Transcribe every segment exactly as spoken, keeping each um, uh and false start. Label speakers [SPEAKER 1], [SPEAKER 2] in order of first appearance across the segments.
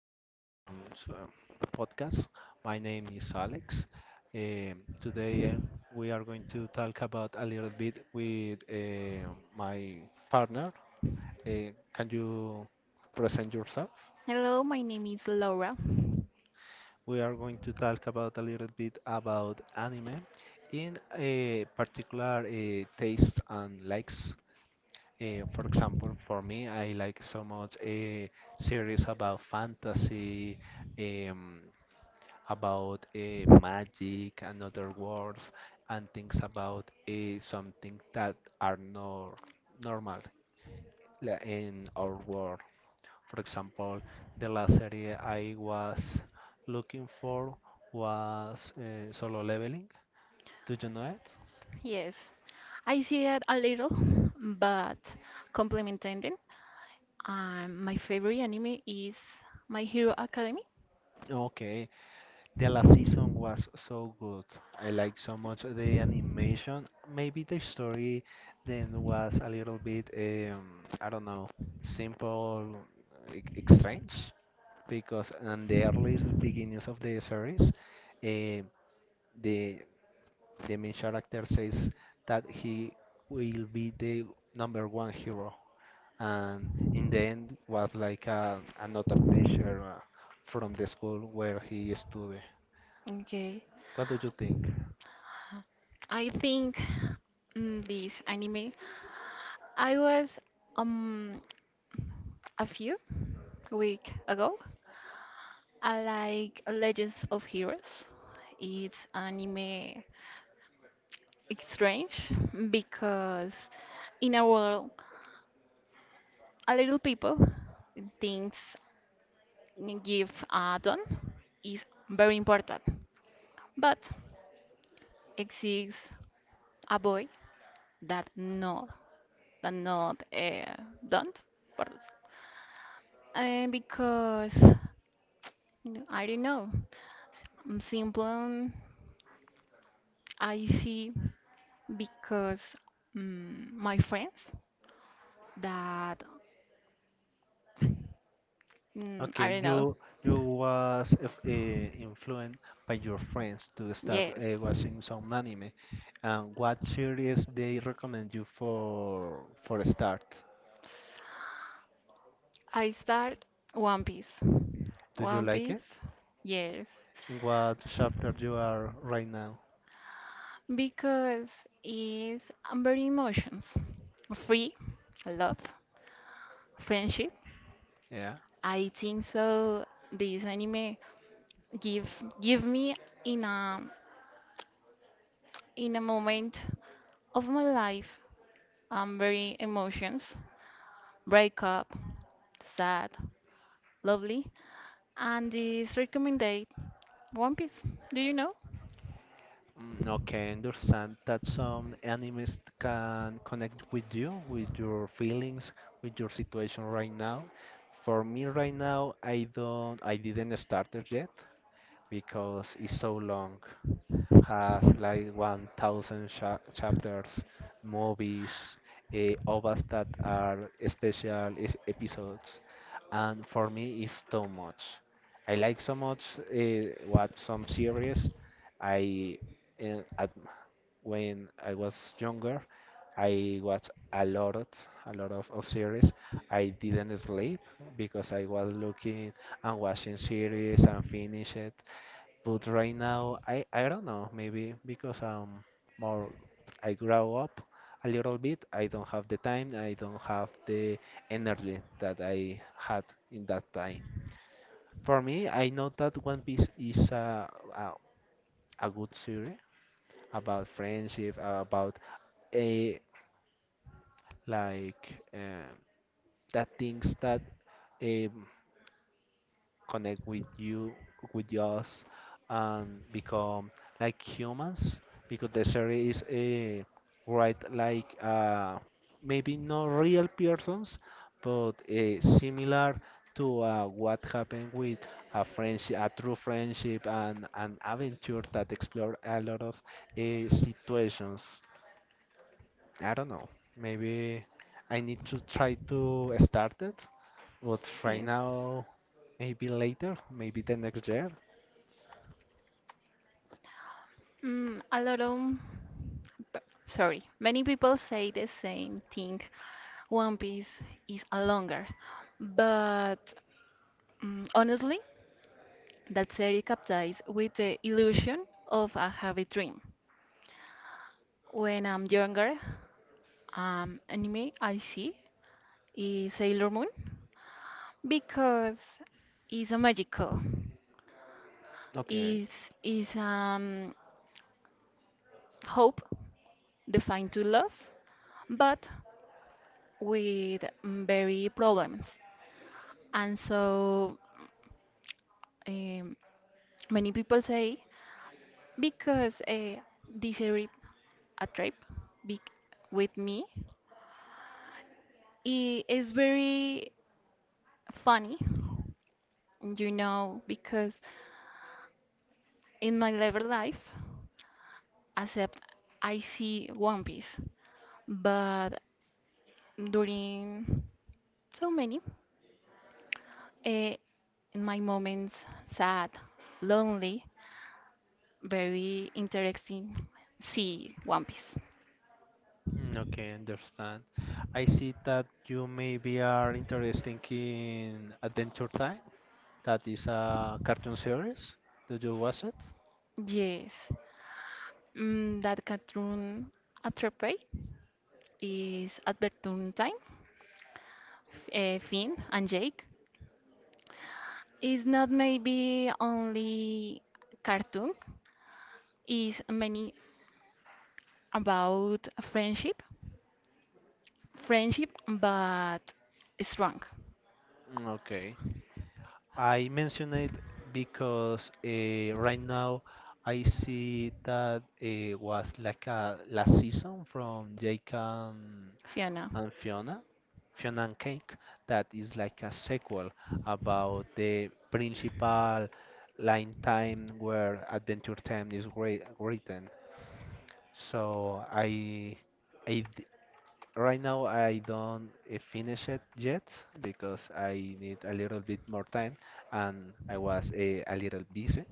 [SPEAKER 1] U- um, s- um, podcast. My name is Alex. Um, today um, we are going to talk about a little bit with um my partner. Uh, can you present yourself?
[SPEAKER 2] Hello, my name is Laura.
[SPEAKER 1] We are going to talk about a little bit about anime in a particular uh, taste and likes. Uh, for example, for me, I like so much a series about fantasy, um, about uh, magic and other words and things about uh, something that are not normal la- in our world. For example, the last serie I was looking for was uh, Solo Leveling. Do you know it?
[SPEAKER 2] Yes, I see it a little, but complementing. Um, my favorite anime is My Hero Academy.
[SPEAKER 1] Okay. The last season was so good. I like so much the animation. Maybe the story then was a little bit, um, I don't know, simple, e- e- strange, because in the early beginnings of the series, eh, the the main character says that he will be the number one hero, and in the end was like a, another teacher uh, from the school where he studied.
[SPEAKER 2] Okay.
[SPEAKER 1] What do you think?
[SPEAKER 2] I think mm, this anime. I was um a few week ago. I like Legends of Heroes. It's anime. It's strange because in our world, a little people thinks give a done is very important. But exists a boy that not that not uh, don't, pardon, uh, because I don't know. I'm simple. I see because mm, my friends that mm, I
[SPEAKER 1] Okay,
[SPEAKER 2] don't know.
[SPEAKER 1] you you was if, uh, influenced by your friends to start
[SPEAKER 2] Yes,
[SPEAKER 1] uh, watching some anime. And what series they recommend you for for a start?
[SPEAKER 2] I start One Piece.
[SPEAKER 1] Do you
[SPEAKER 2] One
[SPEAKER 1] like it?
[SPEAKER 2] Piece. Yes.
[SPEAKER 1] In what chapter you are right now?
[SPEAKER 2] Because it's I'm very emotions. Free, love, friendship.
[SPEAKER 1] Yeah.
[SPEAKER 2] I think so this anime give give me in a in a moment of my life, I'm very emotions, breakup, sad, lovely. And this recommended One Piece. Do you know?
[SPEAKER 1] Mm, okay, understand that some animes can connect with you, with your feelings, with your situation right now. For me right now, I don't, I didn't start it yet, because it's so long. Has like one thousand cha chapters, movies, uh, O VAs that are special is- episodes, and for me, it's too much. I like so much uh, what some series. I uh, at, when I was younger, I watched a lot of a lot of, of series. I didn't sleep because I was looking and watching series and finish it. But right now, I I don't know. Maybe because um more I grow up a little bit. I don't have the time. I don't have the energy that I had in that time. For me, I know that One Piece is a a, a good series about friendship, about a like um, that things that, um, connect with you, with us, and become like humans. Because the series is uh, right like uh, maybe not real persons, but uh, similar to uh, what happened with a friendship, a true friendship, and an adventure that explore a lot of uh, situations. I don't know. Maybe I need to try to start it. But right now, maybe later, maybe the next year.
[SPEAKER 2] Mm, a lot of, b- sorry, many people say the same thing, One Piece is a longer, but mm, honestly, that series captures with the illusion of a heavy dream. When I'm younger, um, anime I see is Sailor Moon because it's a magical,
[SPEAKER 1] Okay.
[SPEAKER 2] is is um hope defined to love, but with mm, very problems, and so um, many people say because uh, this series a trip be- with me. It is very funny, you know, because in my later life, except I see One Piece, but during so many, eh, in my moments, sad, lonely, very interesting, see One Piece.
[SPEAKER 1] Mm, okay, understand. I see that you maybe are interested in Adventure Time. That is a cartoon series. Did you watch it?
[SPEAKER 2] Yes, mm, that cartoon attrape is Adventure Time, F- eh, Finn and Jake. It's not maybe only cartoon, it's many about friendship. Friendship, but strong.
[SPEAKER 1] Mm, okay. I mention it because uh, right now I see that it was like a last season from Jake and.
[SPEAKER 2] Fiona.
[SPEAKER 1] And Fiona, Fiona and Cake, that is like a sequel about the principal line time where Adventure Time is wri- written. So I, I d- right now I don't uh, finish it yet because I need a little bit more time and I was uh, a little busy.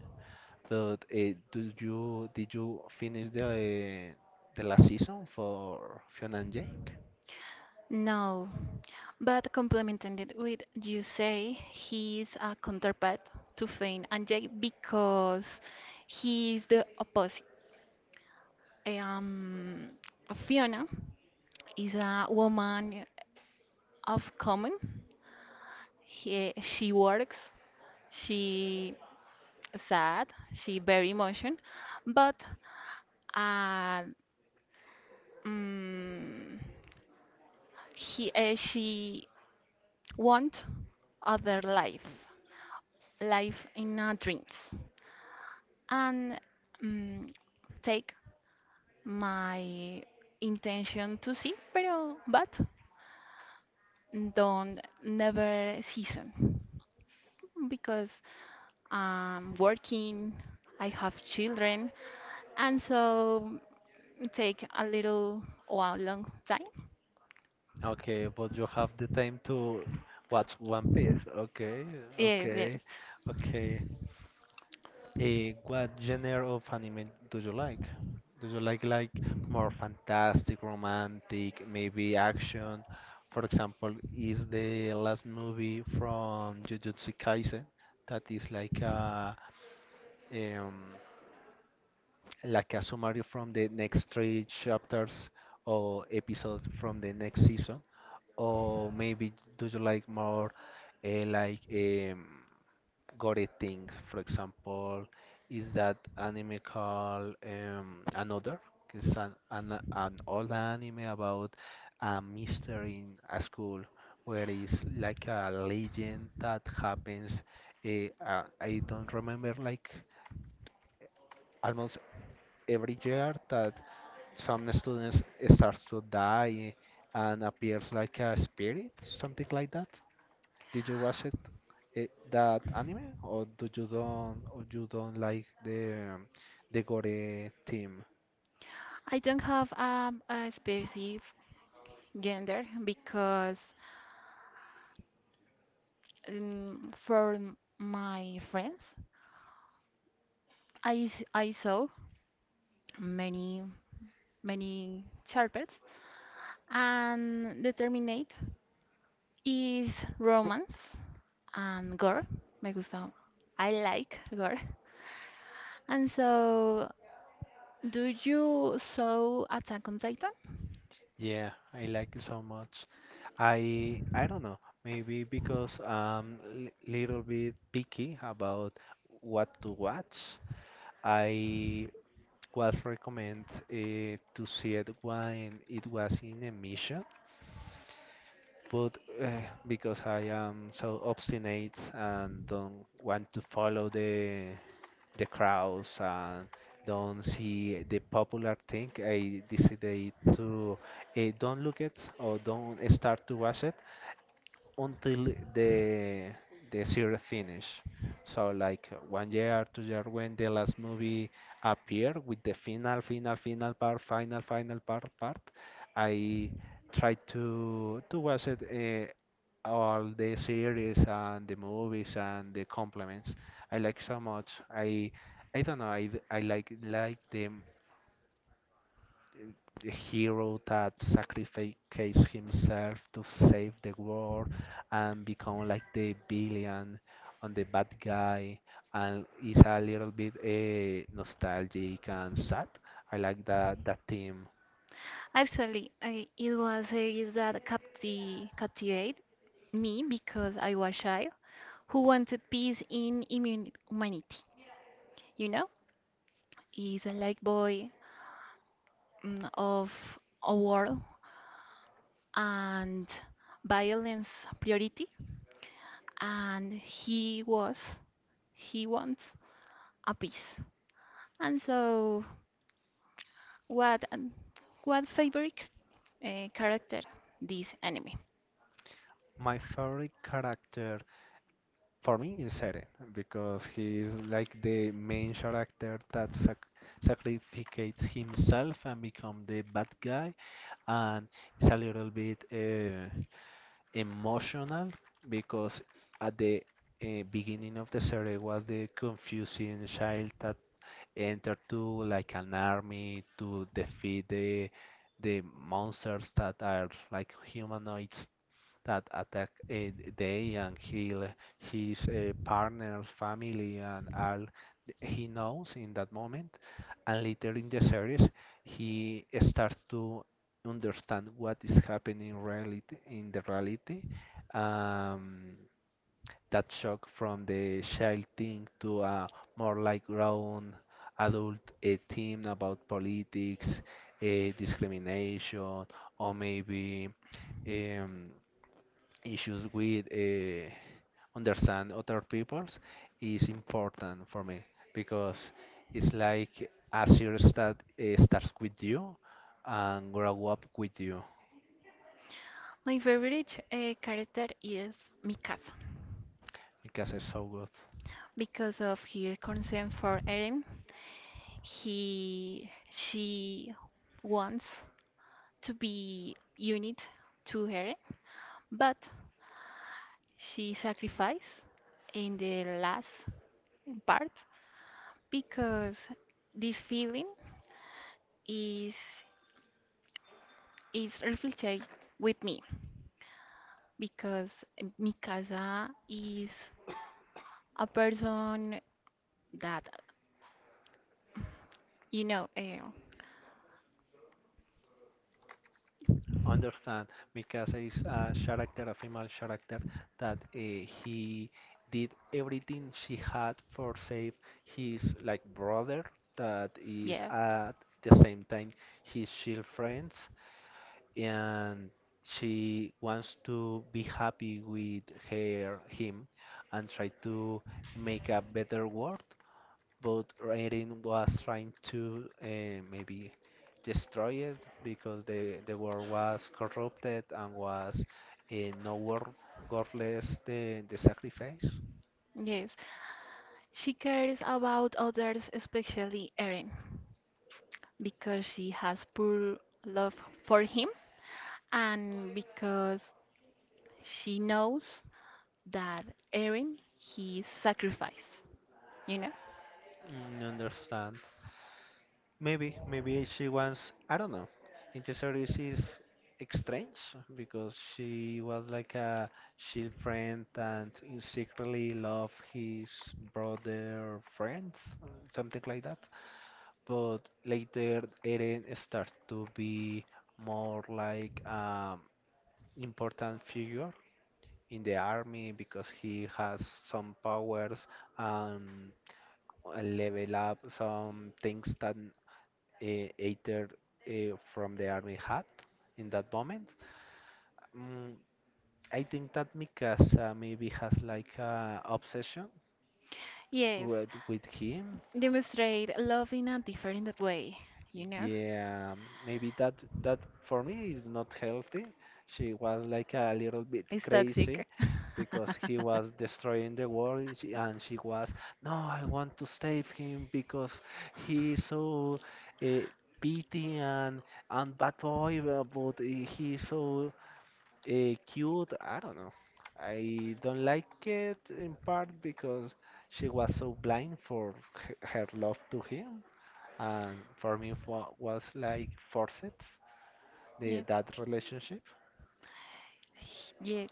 [SPEAKER 1] But uh, do you did you finish the the last season for Fiona and Jake?
[SPEAKER 2] No, but complementing it with you say he's a counterpart to Fane and Jake because he's the opposite. Um, Fiona is a woman of common. He, she works, she sad. She very emotion, but uh, mm, he uh, she want other life, life in uh, dreams, and mm, take my intention to see, pero but don't never season because I'm working, I have children, and so take a little or a long time.
[SPEAKER 1] Okay, but you have the time to watch One Piece. Okay,
[SPEAKER 2] Yes, yes.
[SPEAKER 1] okay, okay. Eh, what genre of anime do you like? Do you like like more fantastic, romantic, maybe action? For example, is the last movie from Jujutsu Kaisen that is like a um, like a summary from the next three chapters or episode from the next season? Or maybe do you like more uh, like um, gore things? For example, is that anime called um, Another? It's an, an an old anime about a mystery in a school where it's like a legend that happens. Uh, uh, I don't remember like almost every year that some students start to die and appears like a spirit, something like that. Did you watch it, eh, that anime, or do you don't, or you don't like the um, the gore theme?
[SPEAKER 2] I don't have um, a specific gender because um, for m- my friends, I, s- I saw many, many sharpets and determinate is romance and gore. Me gusta. I like gore. And so, do you saw Attack on Titan?
[SPEAKER 1] Yeah, I like it so much. I I don't know. Maybe because I'm li little bit picky about what to watch. I was recommend uh, to see it when it was in emission but uh, because I am so obstinate and don't want to follow the the crowds and don't see the popular thing, I decided to uh, don't look it or don't start to watch it until the the series finish. So like one year, two year when the last movie appeared with the final, final, final part, final, final part, part, I tried to to watch it uh, all the series and the movies and the complements. I like so much. I I don't know. I, d- I like like them the hero that sacrifices himself to save the world and become like the villain and the bad guy and is a little bit uh, nostalgic and sad. I like that that theme.
[SPEAKER 2] Actually, I, it was a series that capti captivate me because I was shy who wanted peace in immun- humanity. You know, he's a light boy, mm, of a world and violence priority, and he was, he wants a peace. And so, what, an- what favorite uh, character this anime?
[SPEAKER 1] My favorite character for me is Eren because he is like the main character that sac sacrifices himself and become the bad guy and it's a little bit uh, emotional because at the uh, beginning of the series was the confusing child that entered to like an army to defeat the the monsters that are like humanoids that attack uh, they and he'll, his uh, partner, family, and all th- he knows in that moment. And later in the series, he starts to understand what is happening in reality, in the reality. Um, that shock from the child thing to a more like grown adult uh, theme about politics, a discrimination, or maybe um, issues with uh, understand other peoples is important for me because it's like a series that uh, starts with you and grow up with you.
[SPEAKER 2] My favorite uh, character is Mikasa
[SPEAKER 1] Mikasa is so good.
[SPEAKER 2] because of her concern for Eren. He, she wants to be unit to her, but she sacrificed in the last part because this feeling is is reflected with me, because Mikasa is a person that, you know eh,
[SPEAKER 1] Understand, Mikasa is a character, a female character that uh, he did everything she had for save his like brother that is
[SPEAKER 2] yeah,
[SPEAKER 1] at the same time his shield friends and she wants to be happy with her him and try to make a better world but Raiden was trying to uh, maybe destroy it because the the world was corrupted and was uh, no worth worthless the the sacrifice.
[SPEAKER 2] yes, she cares about others, especially Eren, because she has pure love for him and because she knows that Eren, he sacrificed, you know?
[SPEAKER 1] Mm, understand. Maybe, maybe she wants, I don't know. In the series is strange because she was like a shield friend and in secretly love his brother friends, uh, something like that. But later Eren starts to be more like um important figure in the army because he has some powers and level up some things that uh, either uh, from the army had in that moment. Mm, I think that Mikasa maybe has like a obsession
[SPEAKER 2] Yes,
[SPEAKER 1] with, with him.
[SPEAKER 2] demonstrate love in a different way, you know?
[SPEAKER 1] Yeah, maybe that that for me is not healthy. She was like a little bit
[SPEAKER 2] It's
[SPEAKER 1] crazy
[SPEAKER 2] toxic.
[SPEAKER 1] because he was destroying the world she- and she was, no, I want to save him because he is so uh, petty and and bad boy, uh, but uh, he is so. Uh, cute, I don't know. I don't like it in part because she was so blind for h- her love to him, and for me it wa- was like forced the
[SPEAKER 2] Yeah.
[SPEAKER 1] that relationship.
[SPEAKER 2] Yet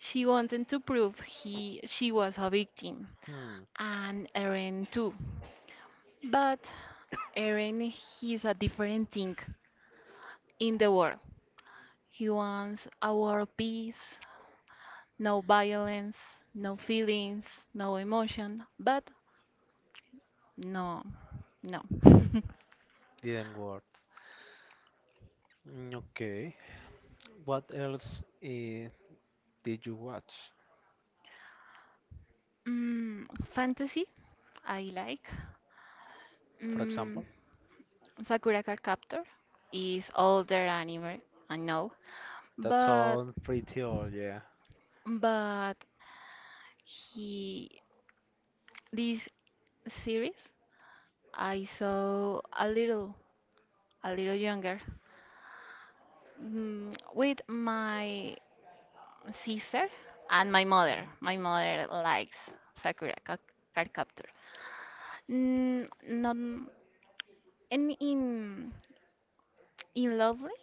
[SPEAKER 2] she wanted to prove he she was a victim,
[SPEAKER 1] Hmm,
[SPEAKER 2] and Eren too. But Eren, he's a different thing in the world. He wants a world peace. No violence, no feelings, no emotion, but no, no.
[SPEAKER 1] didn't work. Mm, okay, what else uh, did you watch?
[SPEAKER 2] Mm, Fantasy, I like.
[SPEAKER 1] For
[SPEAKER 2] Mm,
[SPEAKER 1] example,
[SPEAKER 2] Sakura Card Captor is older anime, I know,
[SPEAKER 1] that
[SPEAKER 2] but
[SPEAKER 1] sounds pretty old, yeah.
[SPEAKER 2] but he this series I saw a little, a little younger, mm, with my sister and my mother. My mother likes Sakura Ca- Card Captor. N- Not in in in lovely,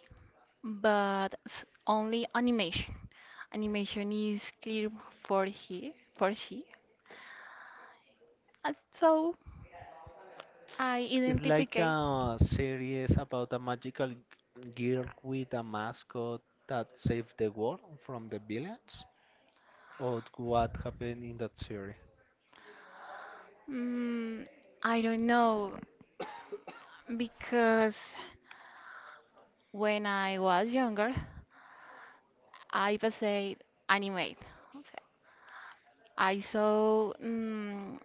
[SPEAKER 2] but s- only animation. Animation is clear for he for she, and so I
[SPEAKER 1] It's like
[SPEAKER 2] identify.
[SPEAKER 1] a series about a magical girl with a mascot that saved the world from the villains, or what happened in that series?
[SPEAKER 2] Mm, I don't know because when I was younger, I was a animate. I saw. Mm.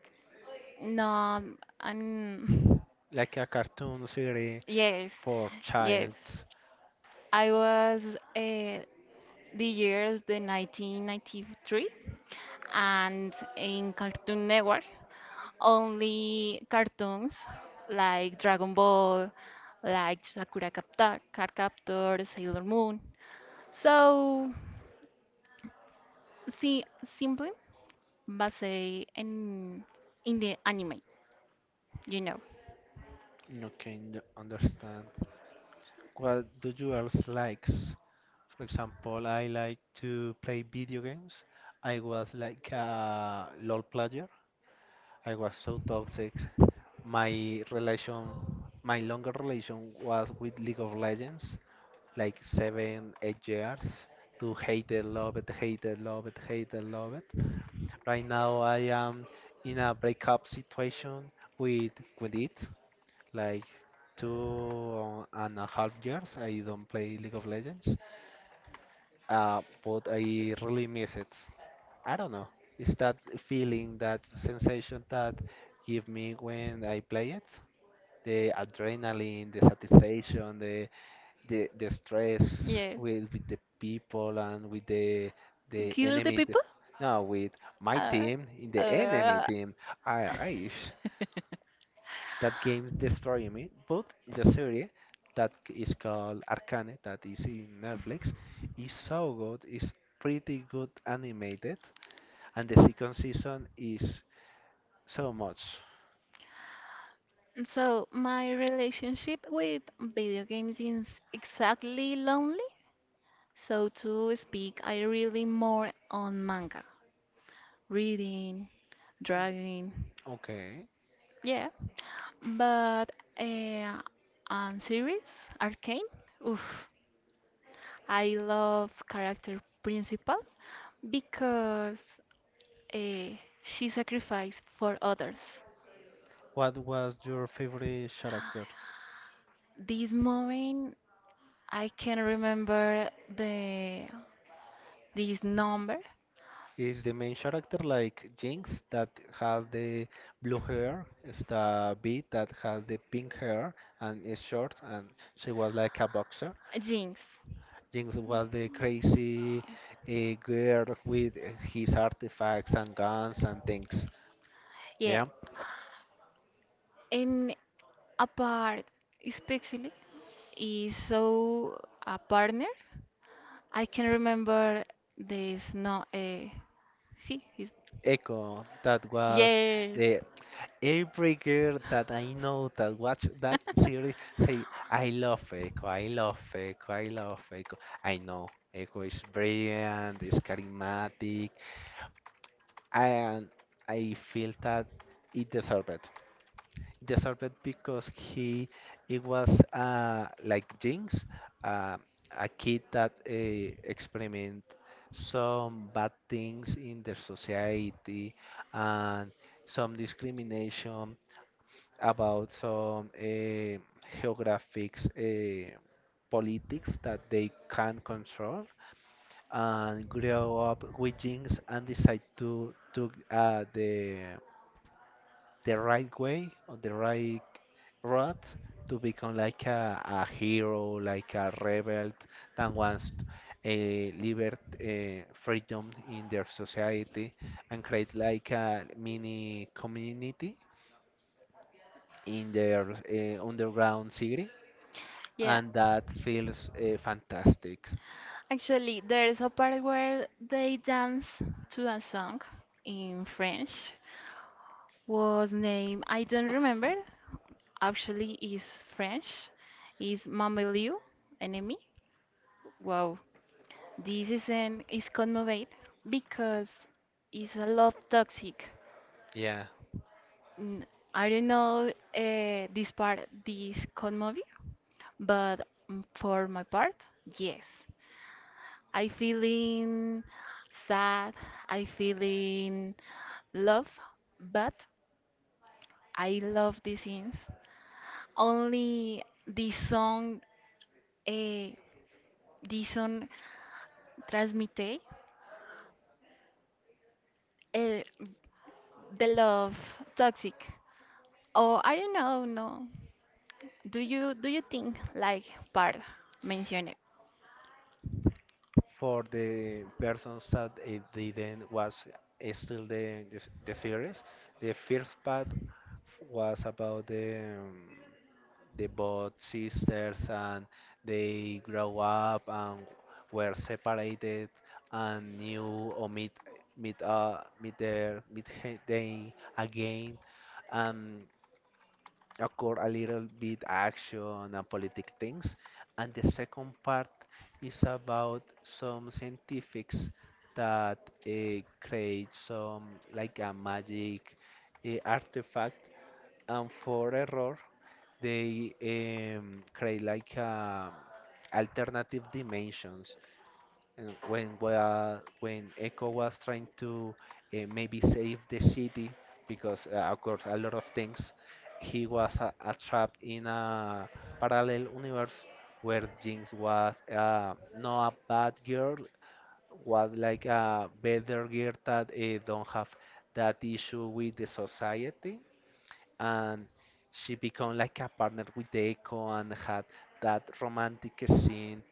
[SPEAKER 2] No. And
[SPEAKER 1] Like a cartoon series
[SPEAKER 2] yes,
[SPEAKER 1] for
[SPEAKER 2] yes.
[SPEAKER 1] child.
[SPEAKER 2] I was uh, the years the nineteen ninety-three and in Cartoon Network, only cartoons like Dragon Ball, like Sakura Capta- Card Captor, Sailor Moon. So, see, simply, but say in in the anime, you know.
[SPEAKER 1] Okay, n- understand. What do you else likes? For example, I like to play video games. I was like a L O L player. I was so toxic. My relation, my longer relation was with League of Legends, like seven, eight years. To hate it, love it, hate it, love it, hate it, love it. Right now, I am in a breakup situation with with it. Like two and a half years, I don't play League of Legends, uh, but I really miss it. I don't know. It's that feeling, that sensation that give me when I play it. The adrenaline, the satisfaction, the the, the stress
[SPEAKER 2] Yeah.
[SPEAKER 1] with with the people and with the the
[SPEAKER 2] Kill the
[SPEAKER 1] enemy. t-
[SPEAKER 2] people?
[SPEAKER 1] No, with my
[SPEAKER 2] Uh,
[SPEAKER 1] team, in the enemy
[SPEAKER 2] uh,
[SPEAKER 1] team. I, I that game destroying me. But the series that is called Arcane, that is in Netflix, is so good. It's pretty good animated and the second season is so much.
[SPEAKER 2] so my relationship with video games is exactly lonely. So to speak, I really more on manga, reading, drawing,
[SPEAKER 1] Okay.
[SPEAKER 2] yeah. But uh, on series, Arcane, oof, I love character principal because uh, she sacrificed for others.
[SPEAKER 1] What was your favorite character?
[SPEAKER 2] This moment I can remember the this number,
[SPEAKER 1] Is the main character like Jinx that has the blue hair? Is the Bee that has the pink hair and is short and she was like a boxer?
[SPEAKER 2] Jinx.
[SPEAKER 1] Jinx was the crazy uh, girl with uh, his artifacts and guns and things.
[SPEAKER 2] Yeah,
[SPEAKER 1] Yeah.
[SPEAKER 2] and a part especially is so a partner. I can remember this, no. Uh, see, his
[SPEAKER 1] Echo that was
[SPEAKER 2] yes,
[SPEAKER 1] the. Every girl that I know that watch that series say, I love Echo, I love Echo, I love Echo. I know Echo is brilliant, is charismatic, and I feel that it deserved it. It deserved it because he it was uh, like Jinx, uh, a kid that uh, experiment some bad things in their society and some discrimination about some eh, geographics eh, politics that they can control and grow up with things and decide to to uh, the the right way or the right route to become like a, a hero, like a rebel that wants a liberty, eh, freedom in their society and create like a mini community in their uh, underground city
[SPEAKER 2] yeah.
[SPEAKER 1] and that feels uh, fantastic.
[SPEAKER 2] Actually, there is a part where they dance to a song in French. Was named I don't remember, actually is French, is Mamelou enemy. Wow, this isn't is conmovate because it's a lot toxic.
[SPEAKER 1] Yeah,
[SPEAKER 2] I I don't know uh, this part, this conmovie, but mm, for my part, yes, I feeling sad, I feeling love, but I love these scenes. Only this song, uh, this song transmite uh, the love toxic, or i don't know. No, do you do you think like part mentioned?
[SPEAKER 1] for the persons that uh, didn't watch uh, still the, the s- the series, the first part was about the um, the both sisters and they grow up and were separated and new or meet meet uh meet their meet he- they again. Occur a little bit action and politic things. And the second part is about some scientifics that uh, create some like a magic uh, artifact, and for error they um, create like um alternative dimensions and when wa when Echo was trying to uh, maybe save the city because uh, of course a lot of things, he was uh, uh, trapped in a parallel universe where Jinx was uh, not a bad girl, was like a better girl that uh, don't have that issue with the society, and she become like a partner with the Echo and had that romantic scene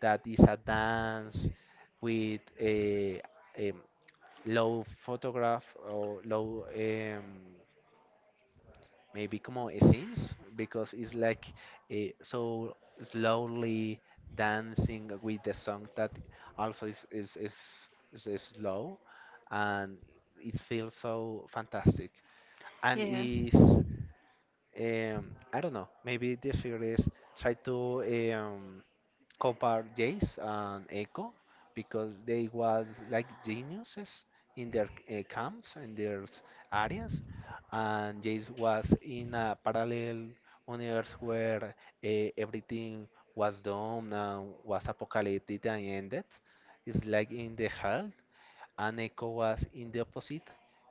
[SPEAKER 1] that is a dance with a, um, low photograph or low um, maybe como scenes because it's like a, so slowly dancing with the song that also is is is, is, is slow and it feels so fantastic and
[SPEAKER 2] Yeah,
[SPEAKER 1] is um, I don't know. Maybe this series try to um, compare Jace and Echo because they was like geniuses in their uh, camps and their s- areas, and Jace was in a parallel universe where uh, everything was done and was apocalyptic and ended. It's like in the hell and Echo was in the opposite.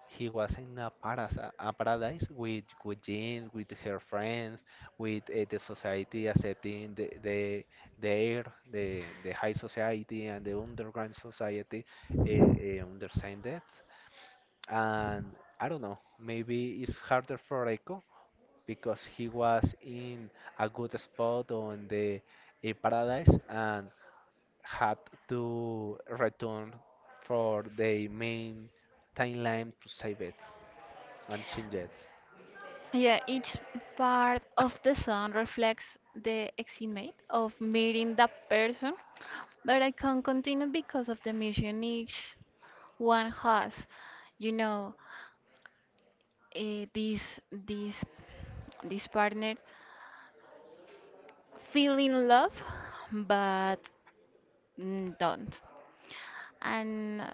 [SPEAKER 1] He was in a, paras- a paradise with with Jean, with her friends, with uh, the society accepting the the the air, the the high society and the underground society uh, uh, understand that. And I don't know, maybe it's harder for Echo because he was in a good spot on the a paradise and had to return for the main timeline to save it and change it.
[SPEAKER 2] yeah, each part of the song reflects the estimate of meeting that person, but i can't continue because of the mission each one has you know uh, this this this partner feel in love, but mm, don't. And uh,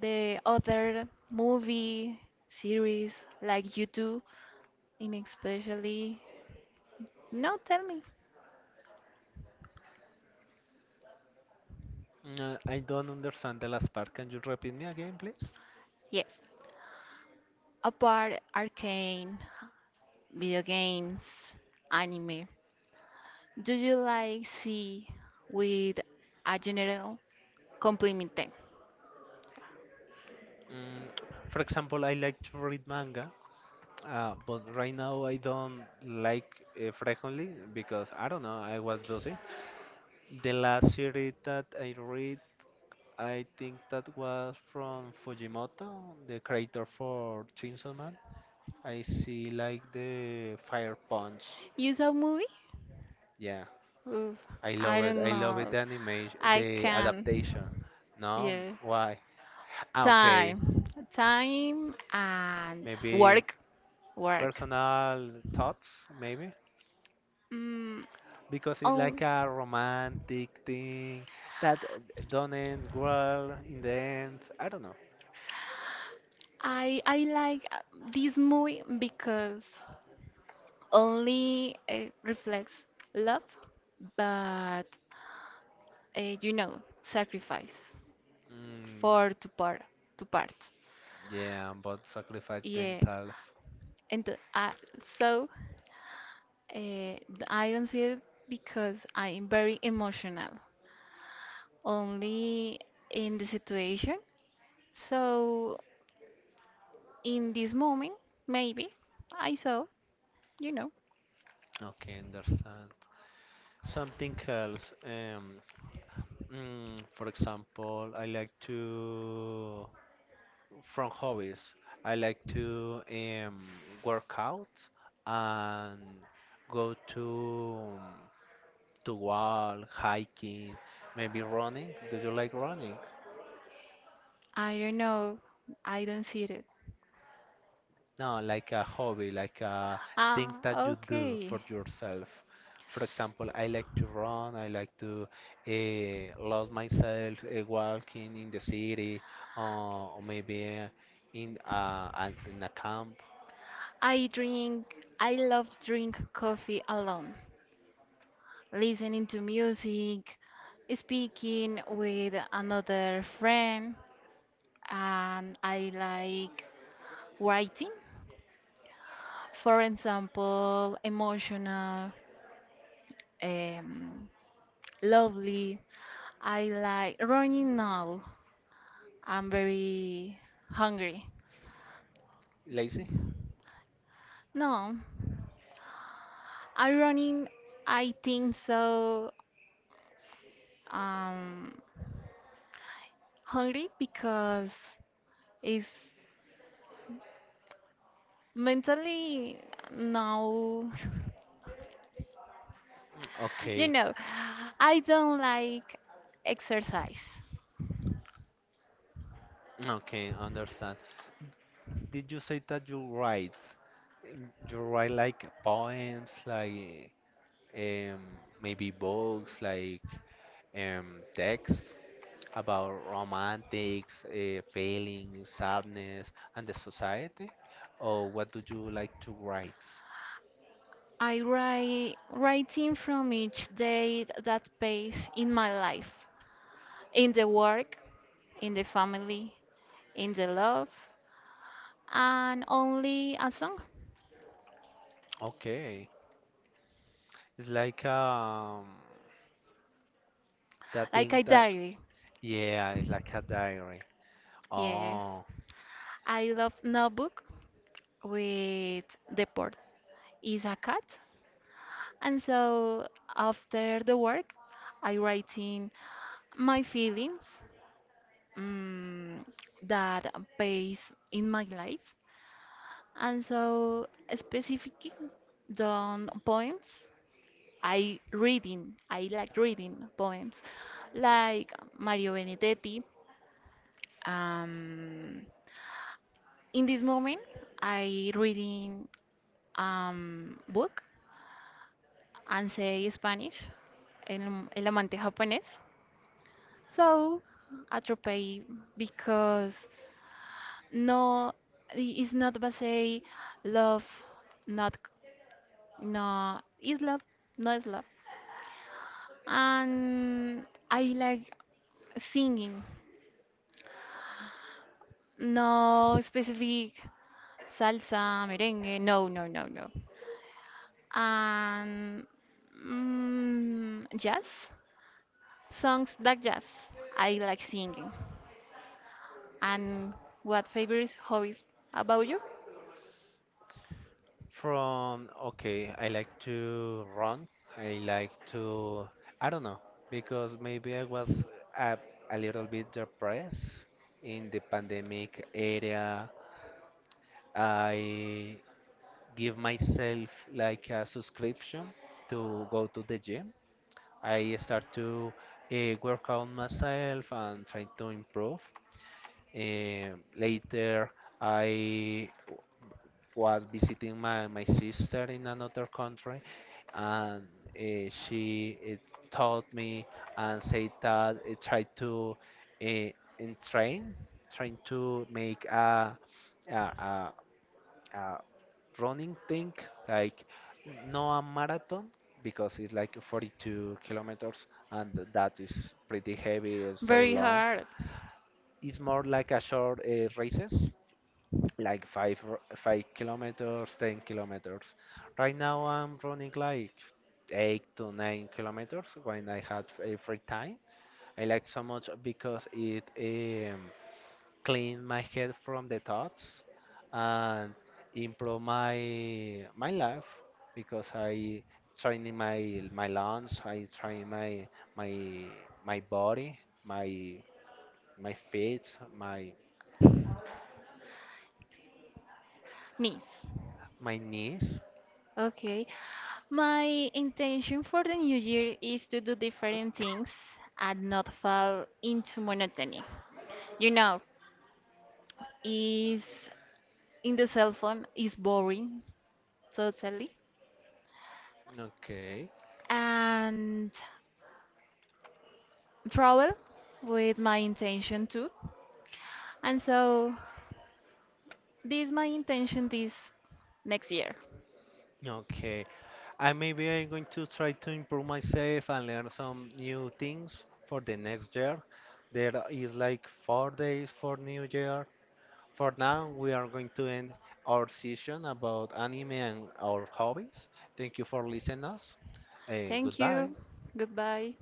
[SPEAKER 2] the other movie series like you do. And especially no, tell me.
[SPEAKER 1] Uh, I don't understand the last part. Can you repeat me again, please?
[SPEAKER 2] Yes, apart arcane, video games, anime, do you like see with a general compliment them?
[SPEAKER 1] Mm, for example, I like to read manga, uh, but right now I don't like uh, frequently because I don't know, I was busy. The last series that I read, I think that was from Fujimoto, the creator for Chainsaw Man. I see like the Fire Punch.
[SPEAKER 2] You saw movie?
[SPEAKER 1] Yeah,
[SPEAKER 2] Oof,
[SPEAKER 1] I love
[SPEAKER 2] i
[SPEAKER 1] it.
[SPEAKER 2] don't
[SPEAKER 1] I love it.
[SPEAKER 2] know,
[SPEAKER 1] The animation,
[SPEAKER 2] I
[SPEAKER 1] the
[SPEAKER 2] can.
[SPEAKER 1] adaptation. No,
[SPEAKER 2] Yeah,
[SPEAKER 1] why? Ah, okay,
[SPEAKER 2] time. Time and
[SPEAKER 1] maybe
[SPEAKER 2] work. Work.
[SPEAKER 1] personal thoughts, maybe
[SPEAKER 2] Mm,
[SPEAKER 1] because it's
[SPEAKER 2] oh,
[SPEAKER 1] like a romantic thing that uh, don't end well in the end. I don't know.
[SPEAKER 2] I I like uh, this movie because only uh, reflects love, but uh, you know sacrifice
[SPEAKER 1] Mm,
[SPEAKER 2] for to part to part.
[SPEAKER 1] yeah, but sacrifice
[SPEAKER 2] Yeah,
[SPEAKER 1] themselves.
[SPEAKER 2] and uh, so uh, I don't see it because I am very emotional only in the situation. So in this moment, maybe I saw, you know,
[SPEAKER 1] Okay, understand. Something else. Um, Mm, for example, I like to, from hobbies, I like to um, work out and go to um, to walk, hiking, maybe running. Do you like running?
[SPEAKER 2] I don't know, I don't see it.
[SPEAKER 1] No, like a hobby, like a thing that
[SPEAKER 2] Ah,
[SPEAKER 1] you do
[SPEAKER 2] okay.
[SPEAKER 1] for yourself. For example, I like to run, I like to uh, lose myself uh, walking in the city, uh, or maybe uh, in, uh, an, in a camp.
[SPEAKER 2] I drink, I love drink coffee alone, listening to music, speaking with another friend, and I like writing. For example, emotional, um, lovely. I like running now. I'm very hungry.
[SPEAKER 1] Lazy?
[SPEAKER 2] No, i running. I think so. Um, Hungry because it's mentally no.
[SPEAKER 1] Mm,
[SPEAKER 2] You
[SPEAKER 1] Okay,
[SPEAKER 2] know, I don't like exercise.
[SPEAKER 1] mm, okay, understand. Did you say that you write? Mm, you write like poems, like um, maybe books, like um, texts? About romantics, uh, feelings, sadness, and the society? Or what do you like to write?
[SPEAKER 2] I write writing from each day that pays in my life, in the work, in the family, in the love, and only a song,
[SPEAKER 1] Okay, it's like um that
[SPEAKER 2] like
[SPEAKER 1] thing
[SPEAKER 2] a
[SPEAKER 1] that
[SPEAKER 2] diary.
[SPEAKER 1] yeah, it's like a diary.
[SPEAKER 2] Yes,
[SPEAKER 1] Oh,
[SPEAKER 2] I love notebook with the port is a cat. And so after the work, I write in my feelings, mm, that base in my life. And so specifically done poems. I reading, I like reading poems like Mario Benedetti. Um, in this moment, I reading um book and say Spanish, el, el amante japonés. So, atropellé because no, it's not basé love, not, no, is love, no is love. And I like singing, no specific salsa, merengue, no, no, no, no. And mm, jazz, songs like jazz, I like singing. And what favorite hobbies about you?
[SPEAKER 1] from okay, I like to run. I like to I don't know because maybe I was a, a little bit depressed in the pandemic area. I give myself like a subscription to go to the gym. I start to uh, work on myself and try to improve. Um, later, I w- was visiting my, my sister in another country, and uh, she it taught me and said that it tried to uh, train, trying to make a, a, a a running thing, like no a marathon because it's like forty-two kilometers and that is pretty heavy and so
[SPEAKER 2] Very
[SPEAKER 1] long.
[SPEAKER 2] hard.
[SPEAKER 1] It's more like a short uh, races, like five r- five kilometers, ten kilometers. Right now I'm running like eight to nine kilometers when I had a free time. I like so much because it um, clean my head from the thoughts and improve my my life because I training my my lungs, I train my my my body, my my feet, my
[SPEAKER 2] Nice.
[SPEAKER 1] my knees.
[SPEAKER 2] Okay. My intention for the new year is to do different things and not fall into monotony. You know, is in the cell phone is boring totally.
[SPEAKER 1] Okay.
[SPEAKER 2] And travel with my intention too. And so this my intention this next year.
[SPEAKER 1] Okay, I maybe I'm going to try to improve myself and learn some new things for the next year. There is like four days for New Year. For now, we are going to end our session about anime and our hobbies. Thank you for listening us. Eh,
[SPEAKER 2] Thank
[SPEAKER 1] goodbye.
[SPEAKER 2] you. Goodbye.